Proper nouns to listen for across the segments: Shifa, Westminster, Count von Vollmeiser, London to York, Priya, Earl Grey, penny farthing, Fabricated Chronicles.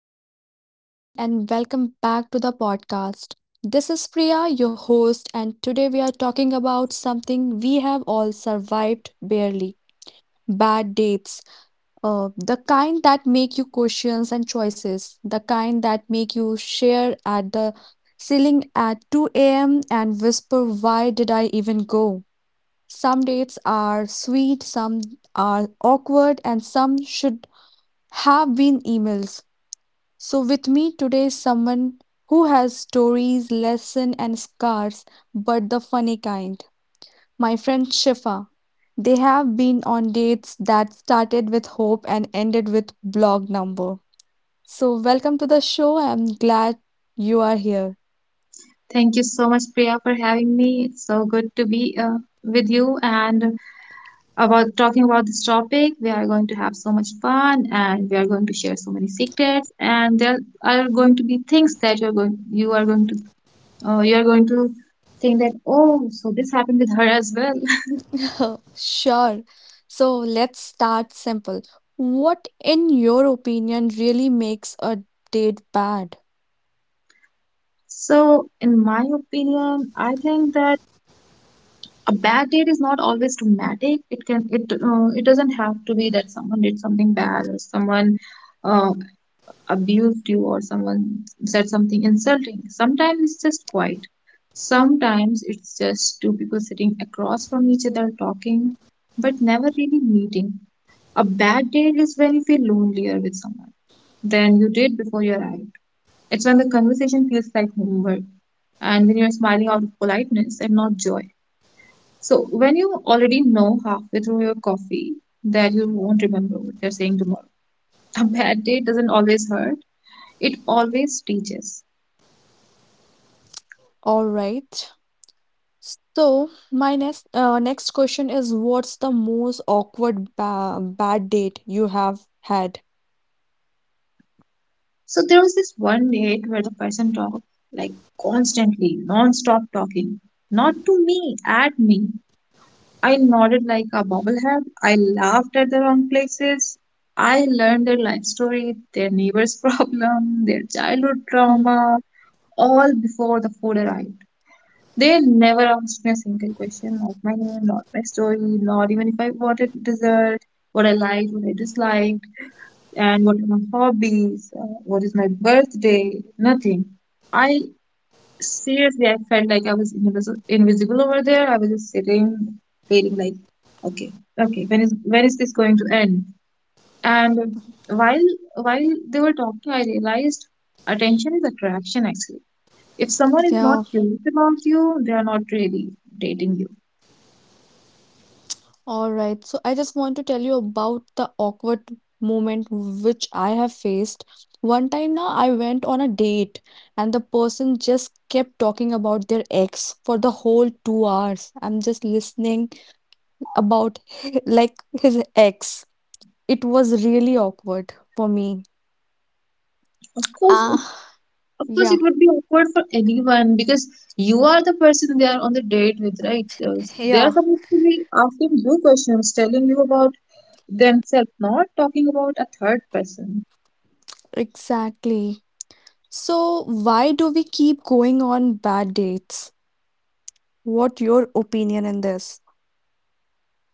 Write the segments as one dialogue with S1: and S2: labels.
S1: Hello everyone, and welcome back to the podcast. This is Priya, your host, and today we are talking about something we have all survived, barely, bad dates. The kind that make you questions and choices, the kind that make you share at the ceiling at 2 a.m. and whisper, "Why did I even go?" Some dates are sweet, some are awkward, and some should have been emails. So with me today is someone who has stories, lessons and scars, but the funny kind. My friend Shifa. They have been on dates that started with hope and ended with blog number. So welcome to the show. I'm glad you are here.
S2: Thank you so much, Priya, for having me. It's so good to be with you and about talking about this topic. We are going to have so much fun and we are going to share so many secrets. And there are going to be things that you are going to think that, oh, so this happened with her as well.
S1: Sure. So let's start simple. What, in your opinion, really makes a date bad?
S2: So, in my opinion, I think that a bad date is not always dramatic. It doesn't have to be that someone did something bad or someone Uh, abused you or someone said something insulting. Sometimes it's just quiet. Sometimes it's just two people sitting across from each other talking, but never really meeting. A bad date is when you feel lonelier with someone than you did before you arrived. It's when the conversation feels like homework and when you're smiling out of politeness and not joy. So, when you already know halfway through your coffee that you won't remember what they're saying tomorrow, a bad day doesn't always hurt, it always teaches.
S1: All right. So my next next question is, what's the most awkward ba bad date you have had?
S2: So there was this one date where the person talked, like, constantly, non-stop talking, not to me, at me. I nodded like a bobblehead. I laughed at the wrong places. I learned their life story, their neighbor's problem, their childhood
S1: Mhm.
S2: trauma, all before the food arrived. They never asked me a single question, not my name, not my story, not even if I wanted dessert, what I liked, what I disliked and what are my hobbies, what is my birthday, nothing. I seriously, I felt like I was invisible, invisible over there. I was just sitting, waiting, like, okay, okay, when is this going to end? And while while they were talking, I realized attention is attraction actually. If someone is not
S1: Yeah,
S2: curious about you, they are not really dating you.
S1: all right. So, I just want to tell you about the awkward moment which I have faced. One time now, I went on a date and the person just kept talking about their ex for the whole 2 hours. I'm just listening about like his ex. It was really awkward for me.
S2: Of course,
S1: Ah,
S2: of course,
S1: yeah.
S2: it would be awkward for anyone because you are the person they are on the date with, right? So they are
S1: Yeah.
S2: supposed to be asking you questions, telling you about themselves, not talking about a third person.
S1: Exactly. So, why do we keep going on bad dates? What your opinion in this?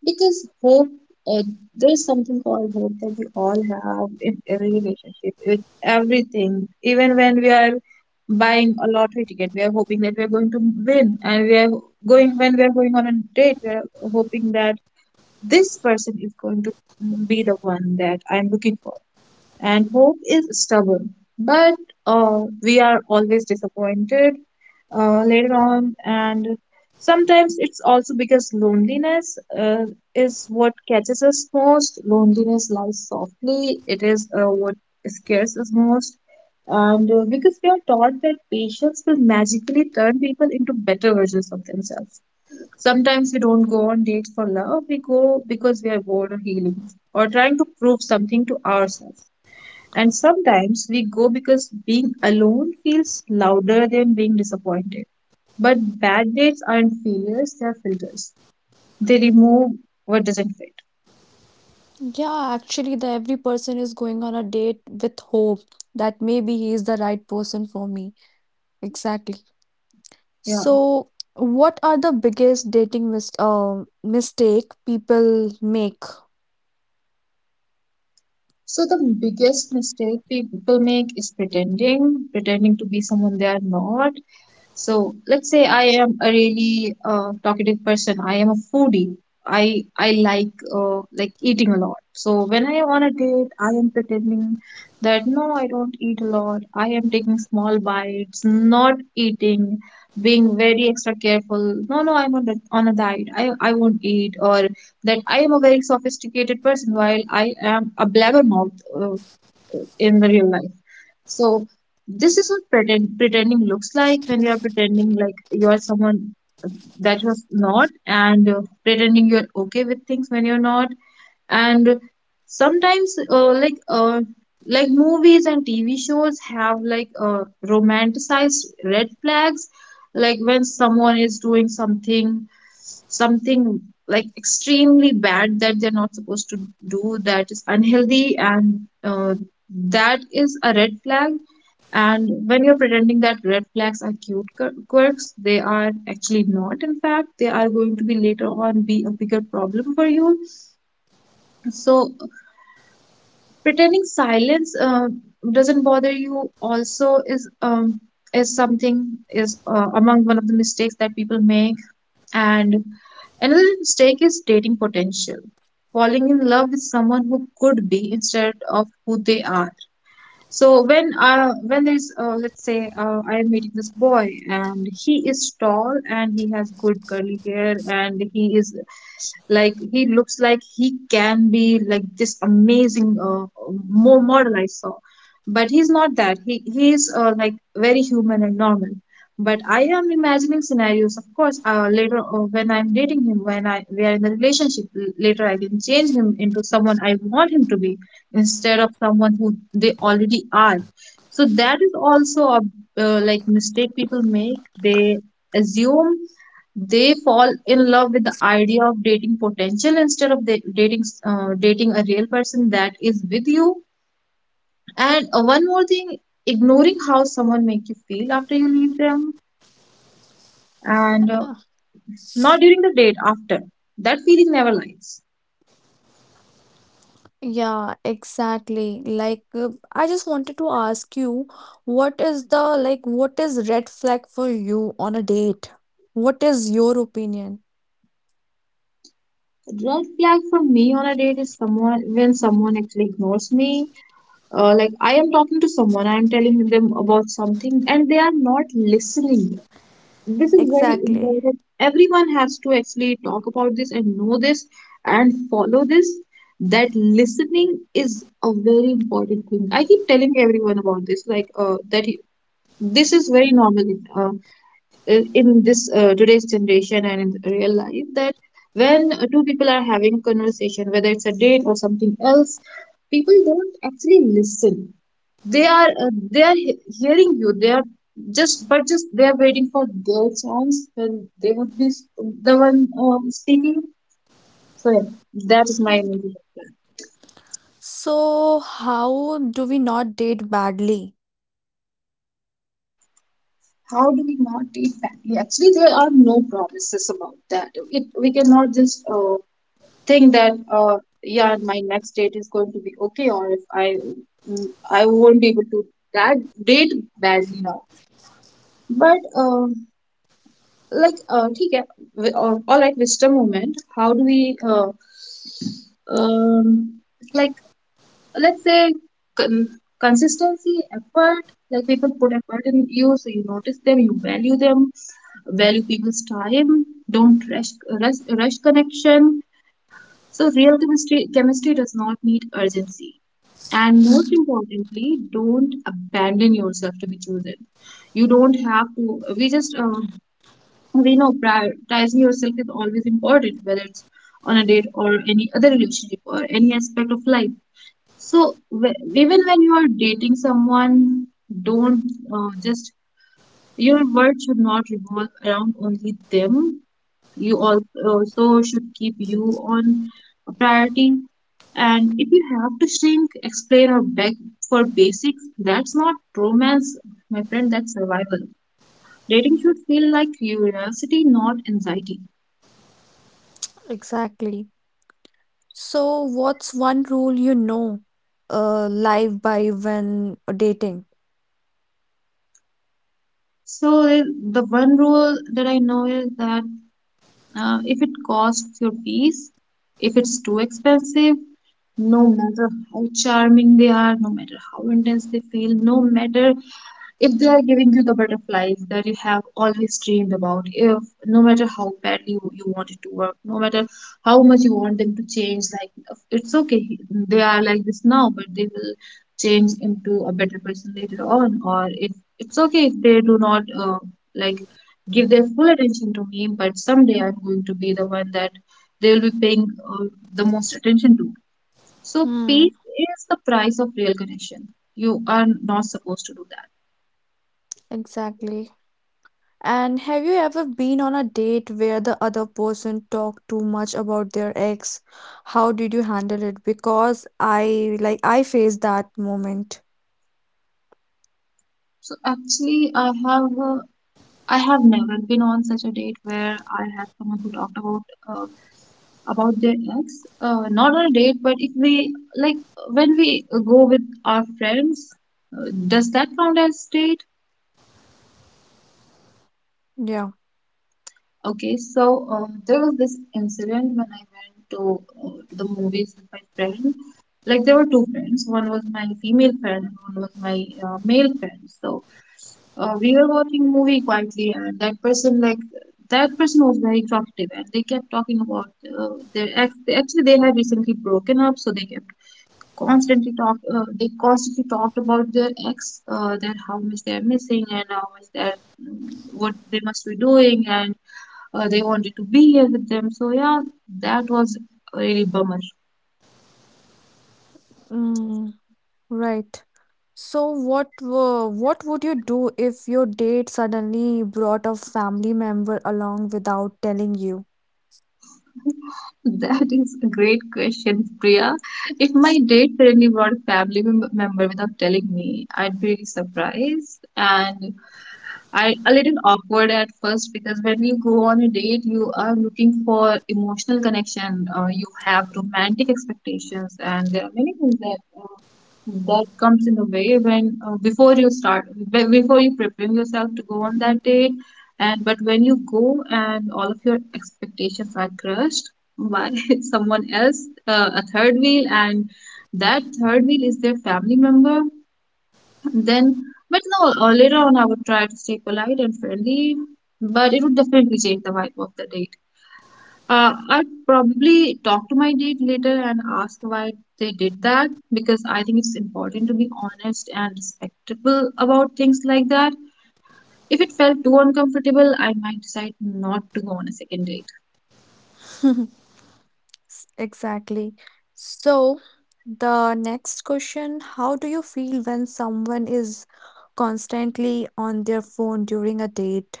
S2: Because uh, there is something called hope that we all have in every relationship, with everything. Even when we are buying a lottery ticket, we are hoping that we are going to win, and we are going when we are going on a date, we are hoping that this person is going to be the one that I'm looking for. And hope is stubborn, but we are always disappointed later on. And sometimes it's also because loneliness is what catches us most. Loneliness lies softly, it is what scares us most. And because we are taught that patience will magically turn people into better versions of themselves, sometimes we don't go on dates for love, we go because we are bored or healing or trying to prove something to ourselves. And sometimes we go because being alone feels louder than being disappointed. But bad dates aren't failures, they're filters. They remove what doesn't fit.
S1: Yeah, actually, the every person is going on a date with hope that maybe he is the right person for me. Exactly.
S2: Yeah.
S1: So, what are the biggest dating mistake people make?
S2: So the biggest mistake people make is pretending, pretending to be someone they are not. So let's say I am a really talkative person. I am a foodie. I like eating a lot. So when I am on a date, I am pretending that no, I don't eat a lot. I am taking small bites, not eating, being very extra careful. No, no, I'm on a diet. I won't eat, or that I am a very sophisticated person while I am a blabbermouth in the real life. So this is what pretending looks like, when you are pretending like you are someone that you're not and pretending you're okay with things when you're not. And sometimes like movies and TV shows have, like, romanticized red flags, like when someone is doing something like extremely bad that they're not supposed to do, that is unhealthy, and that is a red flag. And when you're pretending that red flags are cute quirks, they are actually not. In fact, they are going to be later on be a bigger problem for you. So pretending silence doesn't bother you also is something is among one of the mistakes that people make. And another mistake is dating potential, falling in love with someone who could be instead of who they are. So when there's let's say I am meeting this boy and he is tall and he has good curly hair and he is like he looks like he can be like this amazing more model I saw, but he's not that. He is like very human and normal. But I am imagining scenarios, of course. Later, when I'm dating him, when I we are in a relationship, later I can change him into someone I want him to be instead of someone who they already are. So that is also a like mistake people make, they assume, they fall in love with the idea of dating potential instead of the dating dating a real person that is with you. And one more thing, ignoring how someone make you feel after you leave them, and
S1: Ah,
S2: not during the date, after. That feeling never lies.
S1: yeah, exactly. I just wanted to ask you, what is the what is red flag for you on a date? What is your opinion?
S2: Red flag for me on a date is someone, when someone actually ignores me, like I am talking to someone, I am telling them about something and they are not listening. This is very
S1: Exactly.
S2: important, everyone has to actually talk about this and know this and follow this, that listening is a very important thing. I keep telling everyone about this, like that this is very normal in this today's generation and in real life, that when two people are having a conversation, whether it's a date or something else, people don't actually listen. They are they are hearing you, they are just, but just they are waiting for their chance when they would be the one speaking. So yeah, that is my idea.
S1: So, how do we not date badly?
S2: How do we not treat family? Actually there are no promises about that. It we cannot just think that yeah, my next date is going to be okay, or if I I won't be able to that date badly now. But like ठीक है all right, wisdom moment. How do we um, like, let's say con- consistency, effort, like people put effort in you so you notice them, you value them, value people's time, don't rush, rush connection. So real chemistry does not need urgency. And most importantly, don't abandon yourself to be chosen. You don't have to. We just we know prioritizing yourself is always important, whether it's on a date or any other relationship or any aspect of life. So even when you are dating someone, don't just your world should not revolve around only them. You also should keep you on a priority. And if you have to shrink, explain, or beg for basics, that's not romance, my friend, that's survival. Dating should feel like curiosity, not anxiety.
S1: Exactly. So, what's one rule live by when dating?
S2: So the one rule that I know is that if it costs your piece, if it's too expensive, no matter how charming they are, no matter how intense they feel, no matter if they are giving you the butterflies that you have always dreamed about, if no matter how badly you want it to work, no matter how much you want them to change, like it's okay, they are like this now, but they will change into a better person later on. Or if it's okay if they do not like give their full attention to me, but someday I'm going to be the one that they will be paying the most attention to. So
S1: Hmm,
S2: peace is the price of real connection. You are not supposed to do that.
S1: exactly. And have you ever been on a date where the other person talked too much about their ex? How did you handle it? Because I like I faced that moment.
S2: So actually, I have never been on such a date where I had someone who talked uh, about their ex. Not on a date, but if we like when we go with our friends, does that count as date?
S1: Yeah.
S2: Okay, so there was this incident when I went to the movies with my friend. Like there were two friends. One was my female friend, and one was my male friend. So we were watching movie quietly and that person was very talkative and they kept talking about uh, their ex. Actually, they had recently broken up, so they kept constantly talk they constantly talked about their ex, that how much they are missing and how much they're mm, what they must be doing and they wanted to be here with them, so yeah, that was really bummer.
S1: Mm, right. So what were what would you do if your date suddenly brought a family member along without telling you?
S2: That is a great question, Priya. If my date suddenly brought a member without telling me, I'd be really surprised and I a little awkward at first, because when you go on a date, you are looking for emotional connection. You have romantic expectations, and there are many things that that comes in the way when before you prepare yourself to go on that date. And but when you go and all of your expectations are crushed by someone else, a third wheel, and that third wheel is their family member, then, but no, later on I would try to stay polite and friendly, but it would definitely change the vibe of the date. I'd probably talk to my date later and ask why they did that, because I think it's important to be honest and respectable about things like that. If it felt too uncomfortable, I might decide not to go on a second date.
S1: Exactly. So, the next question, how do you feel when someone is constantly on their phone during a date?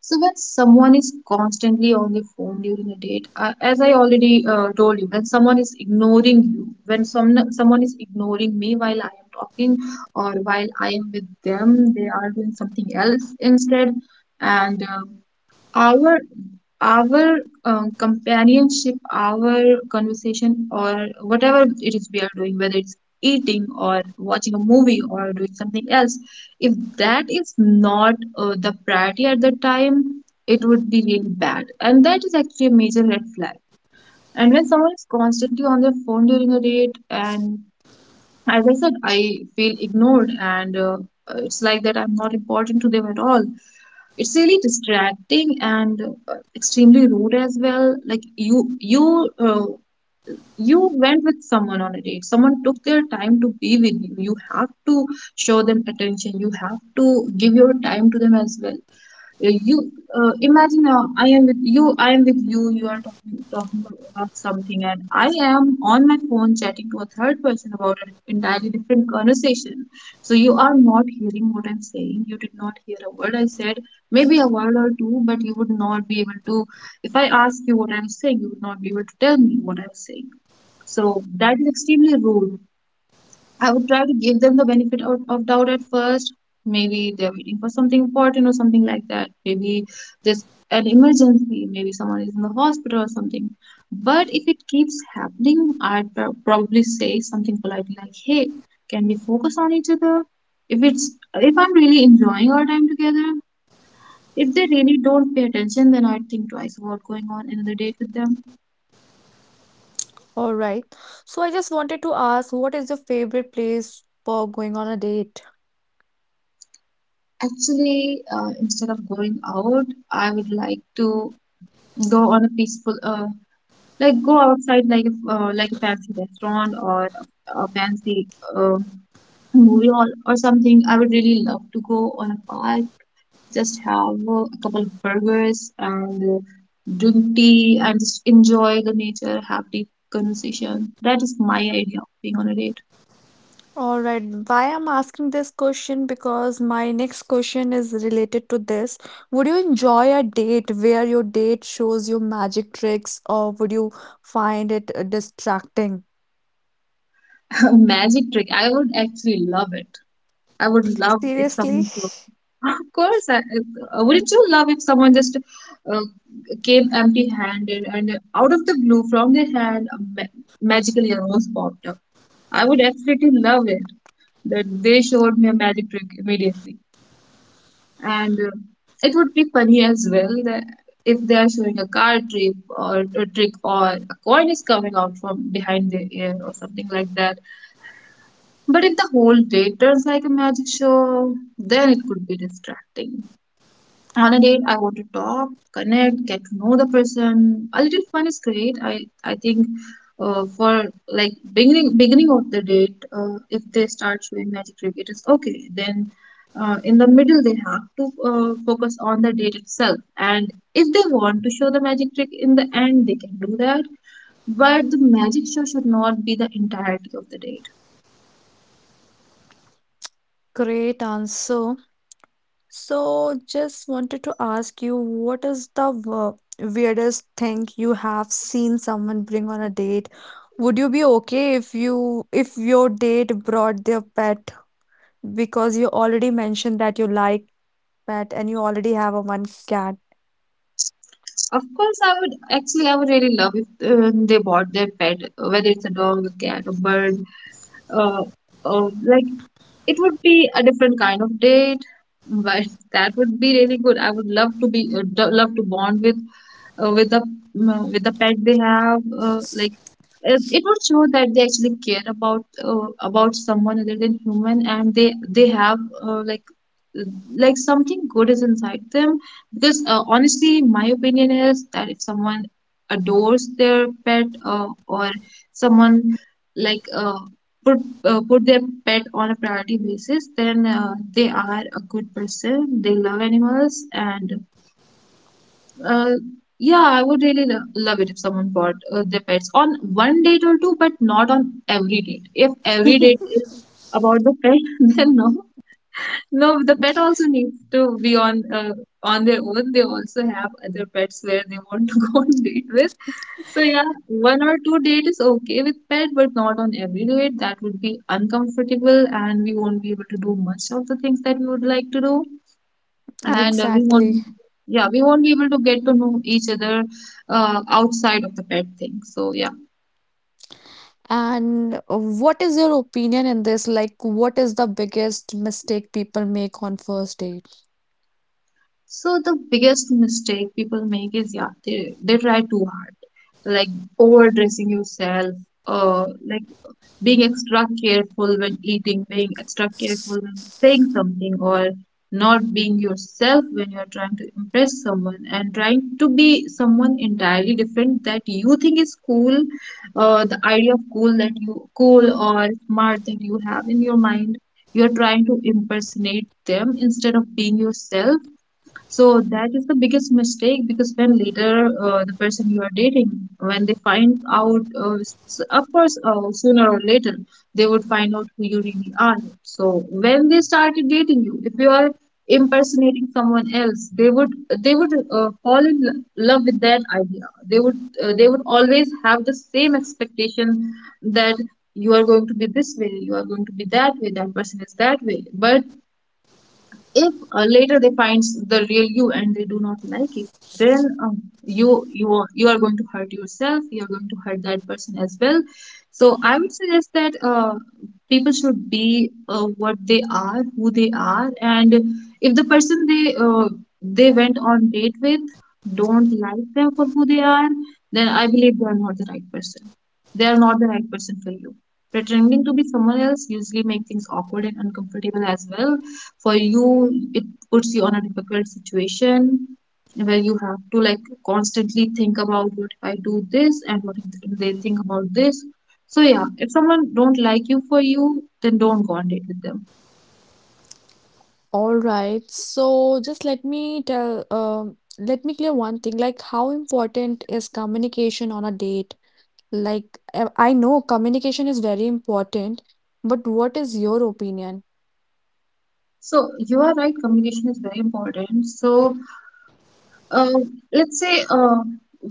S2: So when someone is constantly on the phone during a date, as I already told you, when someone is ignoring you, when someone is ignoring me while I am talking or while I am with them, they are doing something else instead, and our our companionship, our conversation, or whatever it is we are doing, whether it's eating or watching a movie or doing something else, if that is not the priority at the time, it would be really bad. And that is actually a major red flag. And when someone is constantly on their phone during a date, and as I said, I feel ignored, and it's like that I'm not important to them at all, it's really distracting and extremely rude as well. Like, you uh, you went with someone on a date, someone took their time to be with you, you have to show them attention, you have to give your time to them as well. You Imagine I am with you, I am with you, you are talking about something and I am on my phone chatting to a third person about an entirely different conversation, so you are not hearing what I'm saying, you did not hear a word I said, maybe a word or two, but you would not be able to, if I ask you what I'm saying, you would not be able to tell me what I'm saying. So that is extremely rude. I would try to give them the benefit of doubt at first. Maybe they're waiting for something important or something like that. Maybe there's an emergency. Maybe someone is in the hospital or something. But if it keeps happening, I'd probably say something politely like, "Hey, can we focus on each other? If it's if I'm really enjoying our time together, if they really don't pay attention, then I'd think twice about going on another date with them.
S1: All right. So, I just wanted to ask, what is your favorite place for going on a date?
S2: Actually, instead of going out, I would like to go on a peaceful go outside, like like a fancy restaurant or a fancy uh, movie hall or something. I would really love to go on a park, just have a couple of burgers and drink tea and just enjoy the nature, have deep conversation. That is my idea of being on a date.
S1: All right. Why I'm asking this question? Because my next question is related to this. Would you enjoy a date where your date shows you magic tricks, or would you find it distracting?
S2: Magic trick. I would actually love it. I would love if
S1: Seriously?
S2: someone could. Of course, I wouldn't you love if someone just uh, came empty-handed and out of the blue from their hand a magically a rose popped up? I would absolutely love it. That they showed me a magic trick immediately, and it would be funny as well, that if they are showing a card trick or a coin is coming out from behind the ear or something like that, but if the whole date turns like a magic show, then it could be distracting. On a date, I want to talk, connect, get to know the person. A little fun is great. I think for like beginning of the date, if they start showing magic trick, it is okay. Then in the middle, they have to focus on the date itself. And if they want to show the magic trick in the end, they can do that. But the magic show should not be the entirety of the day.
S1: Great answer. So, just wanted to ask you, what is the weirdest thing you have seen someone bring on a date? Would you be okay if your date brought their pet, because you already mentioned that you like pet and you already have a one cat?
S2: Of course, I would actually, I would really love if they bought their pet, whether it's a dog, a cat, a bird, uh, like it would be a different kind of date, but that would be really good. I would love to be love to bond with the with the pet they have, uh, like it would show that they actually care about someone other than human and they have uh, like something good is inside them, because honestly my opinion is that if someone adores their pet or someone like put put their pet on a priority basis, then they are a good person, they love animals, and uh, yeah, I would really lo love it if someone bought their pets on one date or two, but not on every date. If every date is about the pet, then no. No, the pet also needs to be on their own. They also have other pets where they want to go on date with. So yeah, one or two date is okay with pet, but not on every date. That would be uncomfortable, and we won't be able to do much of the things that we would like to do and we won't
S1: Exactly.
S2: yeah we won't be able to get to know each other outside of the pet thing. So yeah,
S1: And what is your opinion in this? Like, what is the biggest mistake people make on first date?
S2: so the biggest mistake people make is yeah, they try too hard, like overdressing yourself, like being extra careful when eating, being extra careful when saying something, or not being yourself when you're trying to impress someone and trying to be someone entirely different that you think is cool, the idea of cool that you cool or smart that you have in your mind. You're trying to impersonate them instead of being yourself, so that is the biggest mistake, because when later the person you are dating, when they find out, of course, sooner or later they would find out who you really are. So when they started dating you, if you are impersonating someone else, they would fall in love with that idea. They would always have the same expectation that you are going to be this way, you are going to be that way, that person is that way. But if later they find the real you and they do not like it, then you are, you are going to hurt yourself, you are going to hurt that person as well. So I would suggest that people should be what they are, who they are, and if the person they went on date with don't like them for who they are, then I believe they are not the right person, they are not the right person for you. Pretending to be someone else usually make things awkward and uncomfortable as well for you, it puts you on a difficult situation where you have to like constantly think about what if I do this and what if they think about this. So yeah, if someone don't like you for you, then don't go on date with them.
S1: All right. So just let me tell, let me clear one thing. Like, how important is communication on a date? I know communication is very important, but what is your opinion?
S2: So you are right, communication is very important. So uh, let's say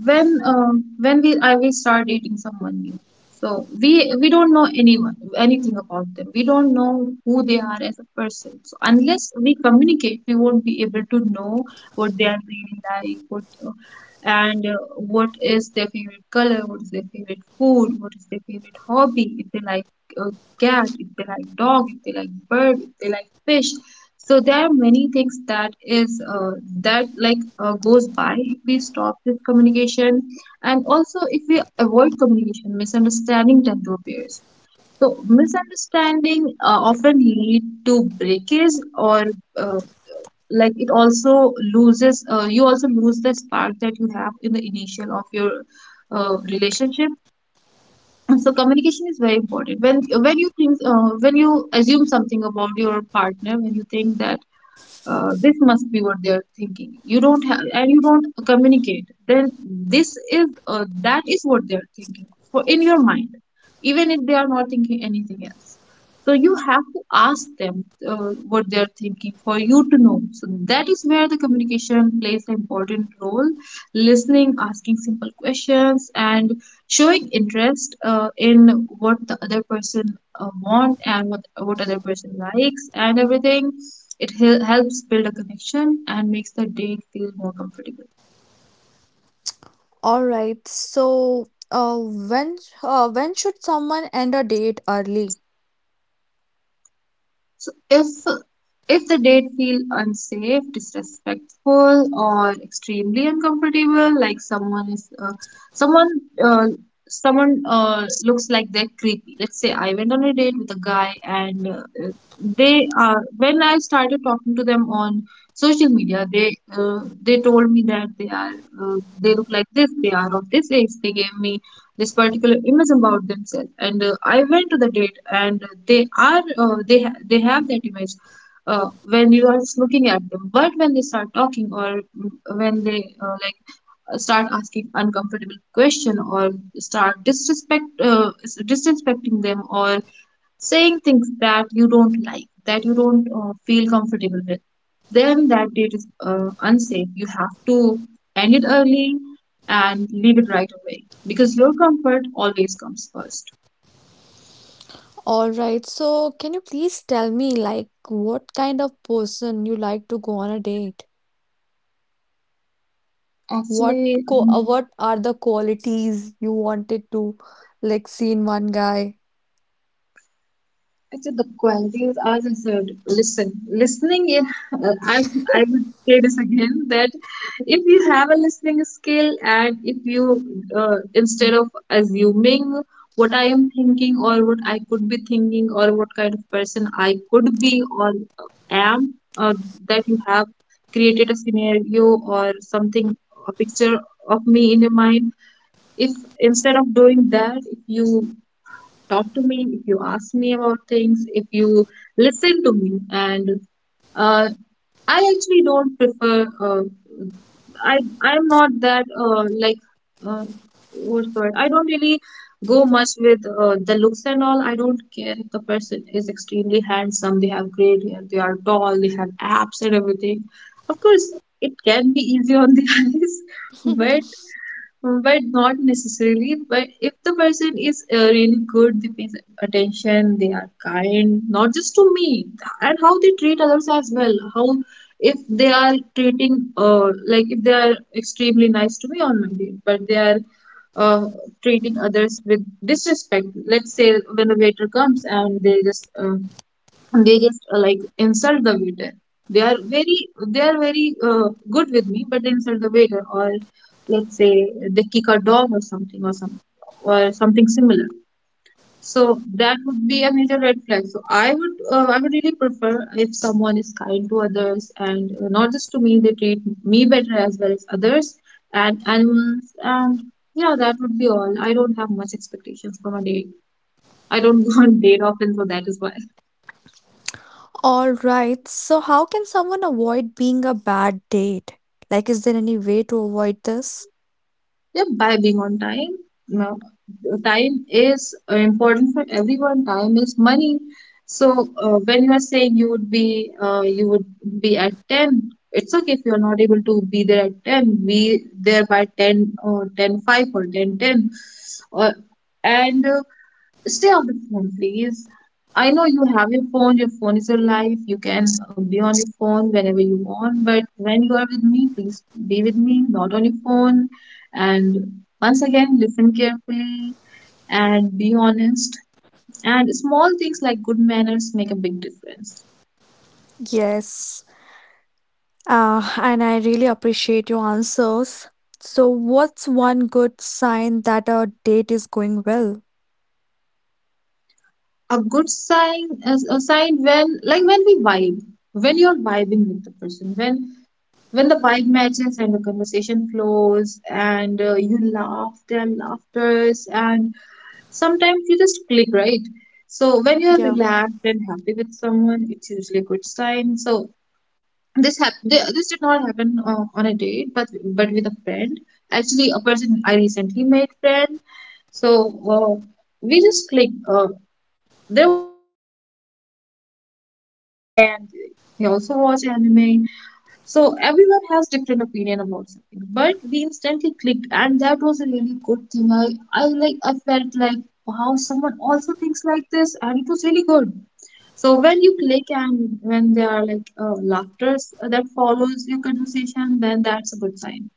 S2: when uh, when we I will start dating someone new. So we don't know anyone anything about them. We don't know who they are as a person. So unless we communicate, we won't be able to know what they are really like, what is their favorite color, what is their favorite food, what is their favorite hobby, if they like uh, cat, if they like dog, if they like bird, if they like fish. So there are many things that is that like goes by if we stop this communication. And also, if we avoid communication, misunderstanding tend to appear. So misunderstanding often lead to breakage, or uh, like it also loses you also lose the spark that you have in the initial of your relationship. And so communication is very important. When you think when you assume something about your partner, when you think that this must be what they are thinking, you don't have and you don't communicate, then this is that is what they are thinking for in your mind, even if they are not thinking anything else. So you have to ask them uh, what they are thinking for you to know. So that is where the communication plays an important role. Listening, asking simple questions, and showing interest in what the other person want and what other person likes and everything. It helps build a connection and makes the date feel more comfortable.
S1: All right. So when should someone end a date early?
S2: So if the date feel unsafe, disrespectful, or extremely uncomfortable, like someone is someone uh, someone looks like they're creepy. Let's say I went on a date with a guy, and they are when I started talking to them on social media, they told me that they look like this, they are of this age. They gave me this particular image about themselves, and I went to the date, and they are they ha- they have that image uh, when you are just looking at them. But when they start talking, or when they uh, like start asking uncomfortable question, or start disrespecting them, or saying things that you don't like, that you don't feel comfortable with, then that date is unsafe. You have to end it early and leave it right away, because your comfort always comes first.
S1: All right. So, can you please tell me, like, what kind of person you like to go on a date? What
S2: Actually,
S1: what are the qualities you wanted to like see in one guy?
S2: Actually, the qualities, as I said, listen. Listening, yeah, I would say this again, that if you have a listening skill, and if you, instead of assuming what I am thinking, or what I could be thinking, or what kind of person I could be or am, that you have created a scenario or something, a picture of me in your mind. If instead of doing that, if you talk to me, if you ask me about things, if you listen to me. And uh, I actually don't prefer. I'm not that uh, what's the word? I don't really go much with the looks and all. I don't care if the person is extremely handsome. They have great hair. They are tall. They have abs and everything. Of course, it can be easy on the eyes, but not necessarily. But if the person is really good, they pay attention, they are kind, not just to me, and how they treat others as well. How if they are treating, if they are extremely nice to me on my day, but they are uh, treating others with disrespect. Let's say when a waiter comes and they just insult the waiter. they are very they are very good with me, but they insult the waiter. Or let's say they kick a dog or something, or something similar. So that would be a major red flag. So I would I would really prefer if someone is kind to others, and not just to me. They treat me better as well as others and animals. And yeah, that would be all. I don't have much expectations from a date. I don't go on date often, so that is why.
S1: All right. So, how can someone avoid being a bad date? Like, is there any way to avoid this?
S2: Yeah, by being on time. No, time is important for everyone. Time is money. So when you are saying you would be at 10, it's okay if you're not able to be there at 10. Be there by 10 or ten five or 10:10, 10. Or, and Stay off the phone, please. I know you have your phone is your life. You can be on your phone whenever you want, but when you are with me, please be with me, not on your phone. And once again, listen carefully and be honest. And small things like good manners make a big difference.
S1: Yes. And I really appreciate your answers. So, what's one good sign that a date is going well?
S2: A good sign is a sign when, like when we vibe, when you're vibing with the person, when the vibe matches and the conversation flows, and you laugh their laughters, and sometimes you just click, right? So when you're
S1: Yeah.
S2: relaxed and happy with someone, it's usually a good sign. So this happened, this did not happen on a date, but with a friend, actually, a person I recently made friend. So uh, we just clicked. There was something about anime. I watch anime, and he also watch anime. So everyone has different opinion about something, but we instantly clicked, and that was a really good thing. I felt like, wow, someone also thinks like this, and it was really good. So when you click, and when there are like laughters that follows your conversation, then that's a good sign.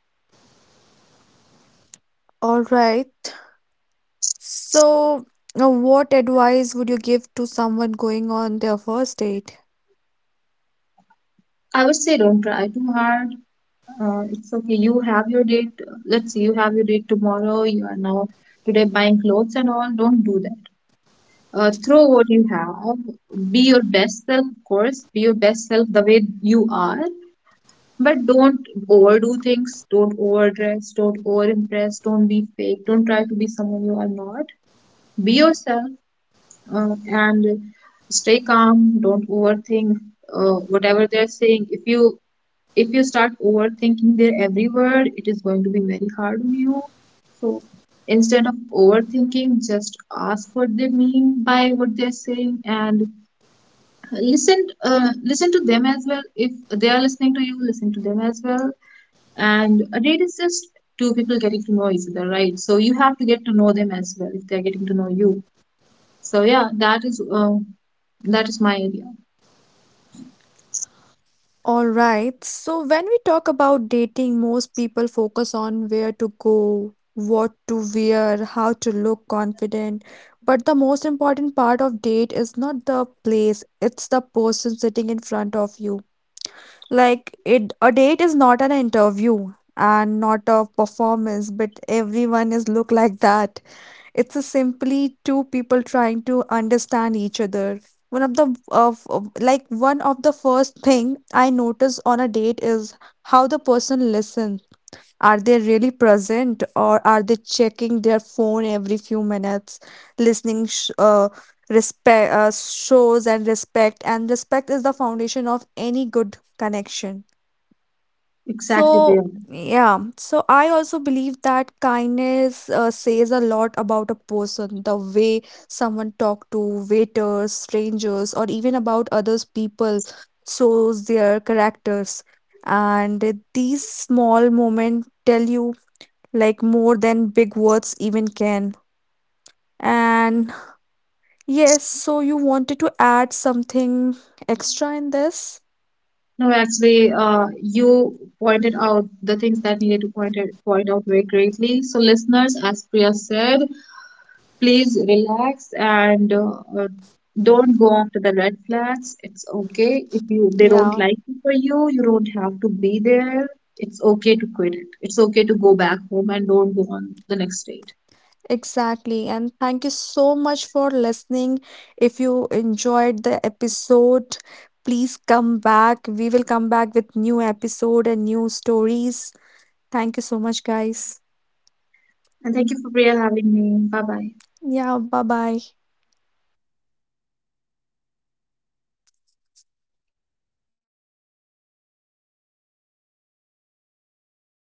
S1: All right. So what advice would you give to someone going on their first date?
S2: I would say don't try too hard. It's okay. You have your date. Let's say you have your date tomorrow. You are now today buying clothes and all. Don't do that. Throw what you have, be your best self. Of course, be your best self the way you are, but don't overdo things. Don't overdress, don't overimpress, don't be fake, don't try to be someone you are not. Be yourself, uh, and stay calm. Don't overthink whatever they're saying. If you start overthinking their every word, it is going to be very hard on you. So instead of overthinking, just ask what they mean by what they're saying, and listen, listen to them as well. If they are listening to you, listen to them as well. And a date is just two people getting to know each other, right? So you have to get to know them as well if they're getting to know you. So yeah, that is my idea
S1: All right. So when we talk about dating, most people focus on where to go, what to wear, how to look confident. But the most important part of date is not the place, it's the person sitting in front of you. Like it, a date is not an interview and not a performance, but everyone is look like that. It's a simply two people trying to understand each other. One of the one of the first thing I notice on a date is how the person listens. Are they really present or are they checking their phone every few minutes? Listening sh- respect shows and respect is the foundation of any good connection.
S2: exactly,
S1: So,
S2: Priya.
S1: yeah, so I also believe that kindness says a lot about a person, the way someone talk to waiters, strangers, or even about others people shows their characters. And these small moments tell you like more than big words even can. And yes, so you wanted to add something extra in this?
S2: No, actually, you pointed out the things that needed to point out very greatly. So listeners, as Priya said, please relax, and uh, don't go after the red flags. It's okay if you they don't
S1: Yeah.
S2: like it for you. You don't have to be there. It's okay to quit it. It's okay to go back home and don't go on the next date.
S1: Exactly. And thank you so much for listening. If you enjoyed the episode, please come back. We will come back with new episode and new stories. Thank you so much, guys.
S2: And thank you, for Priya having me. Bye bye.
S1: Yeah, bye-bye.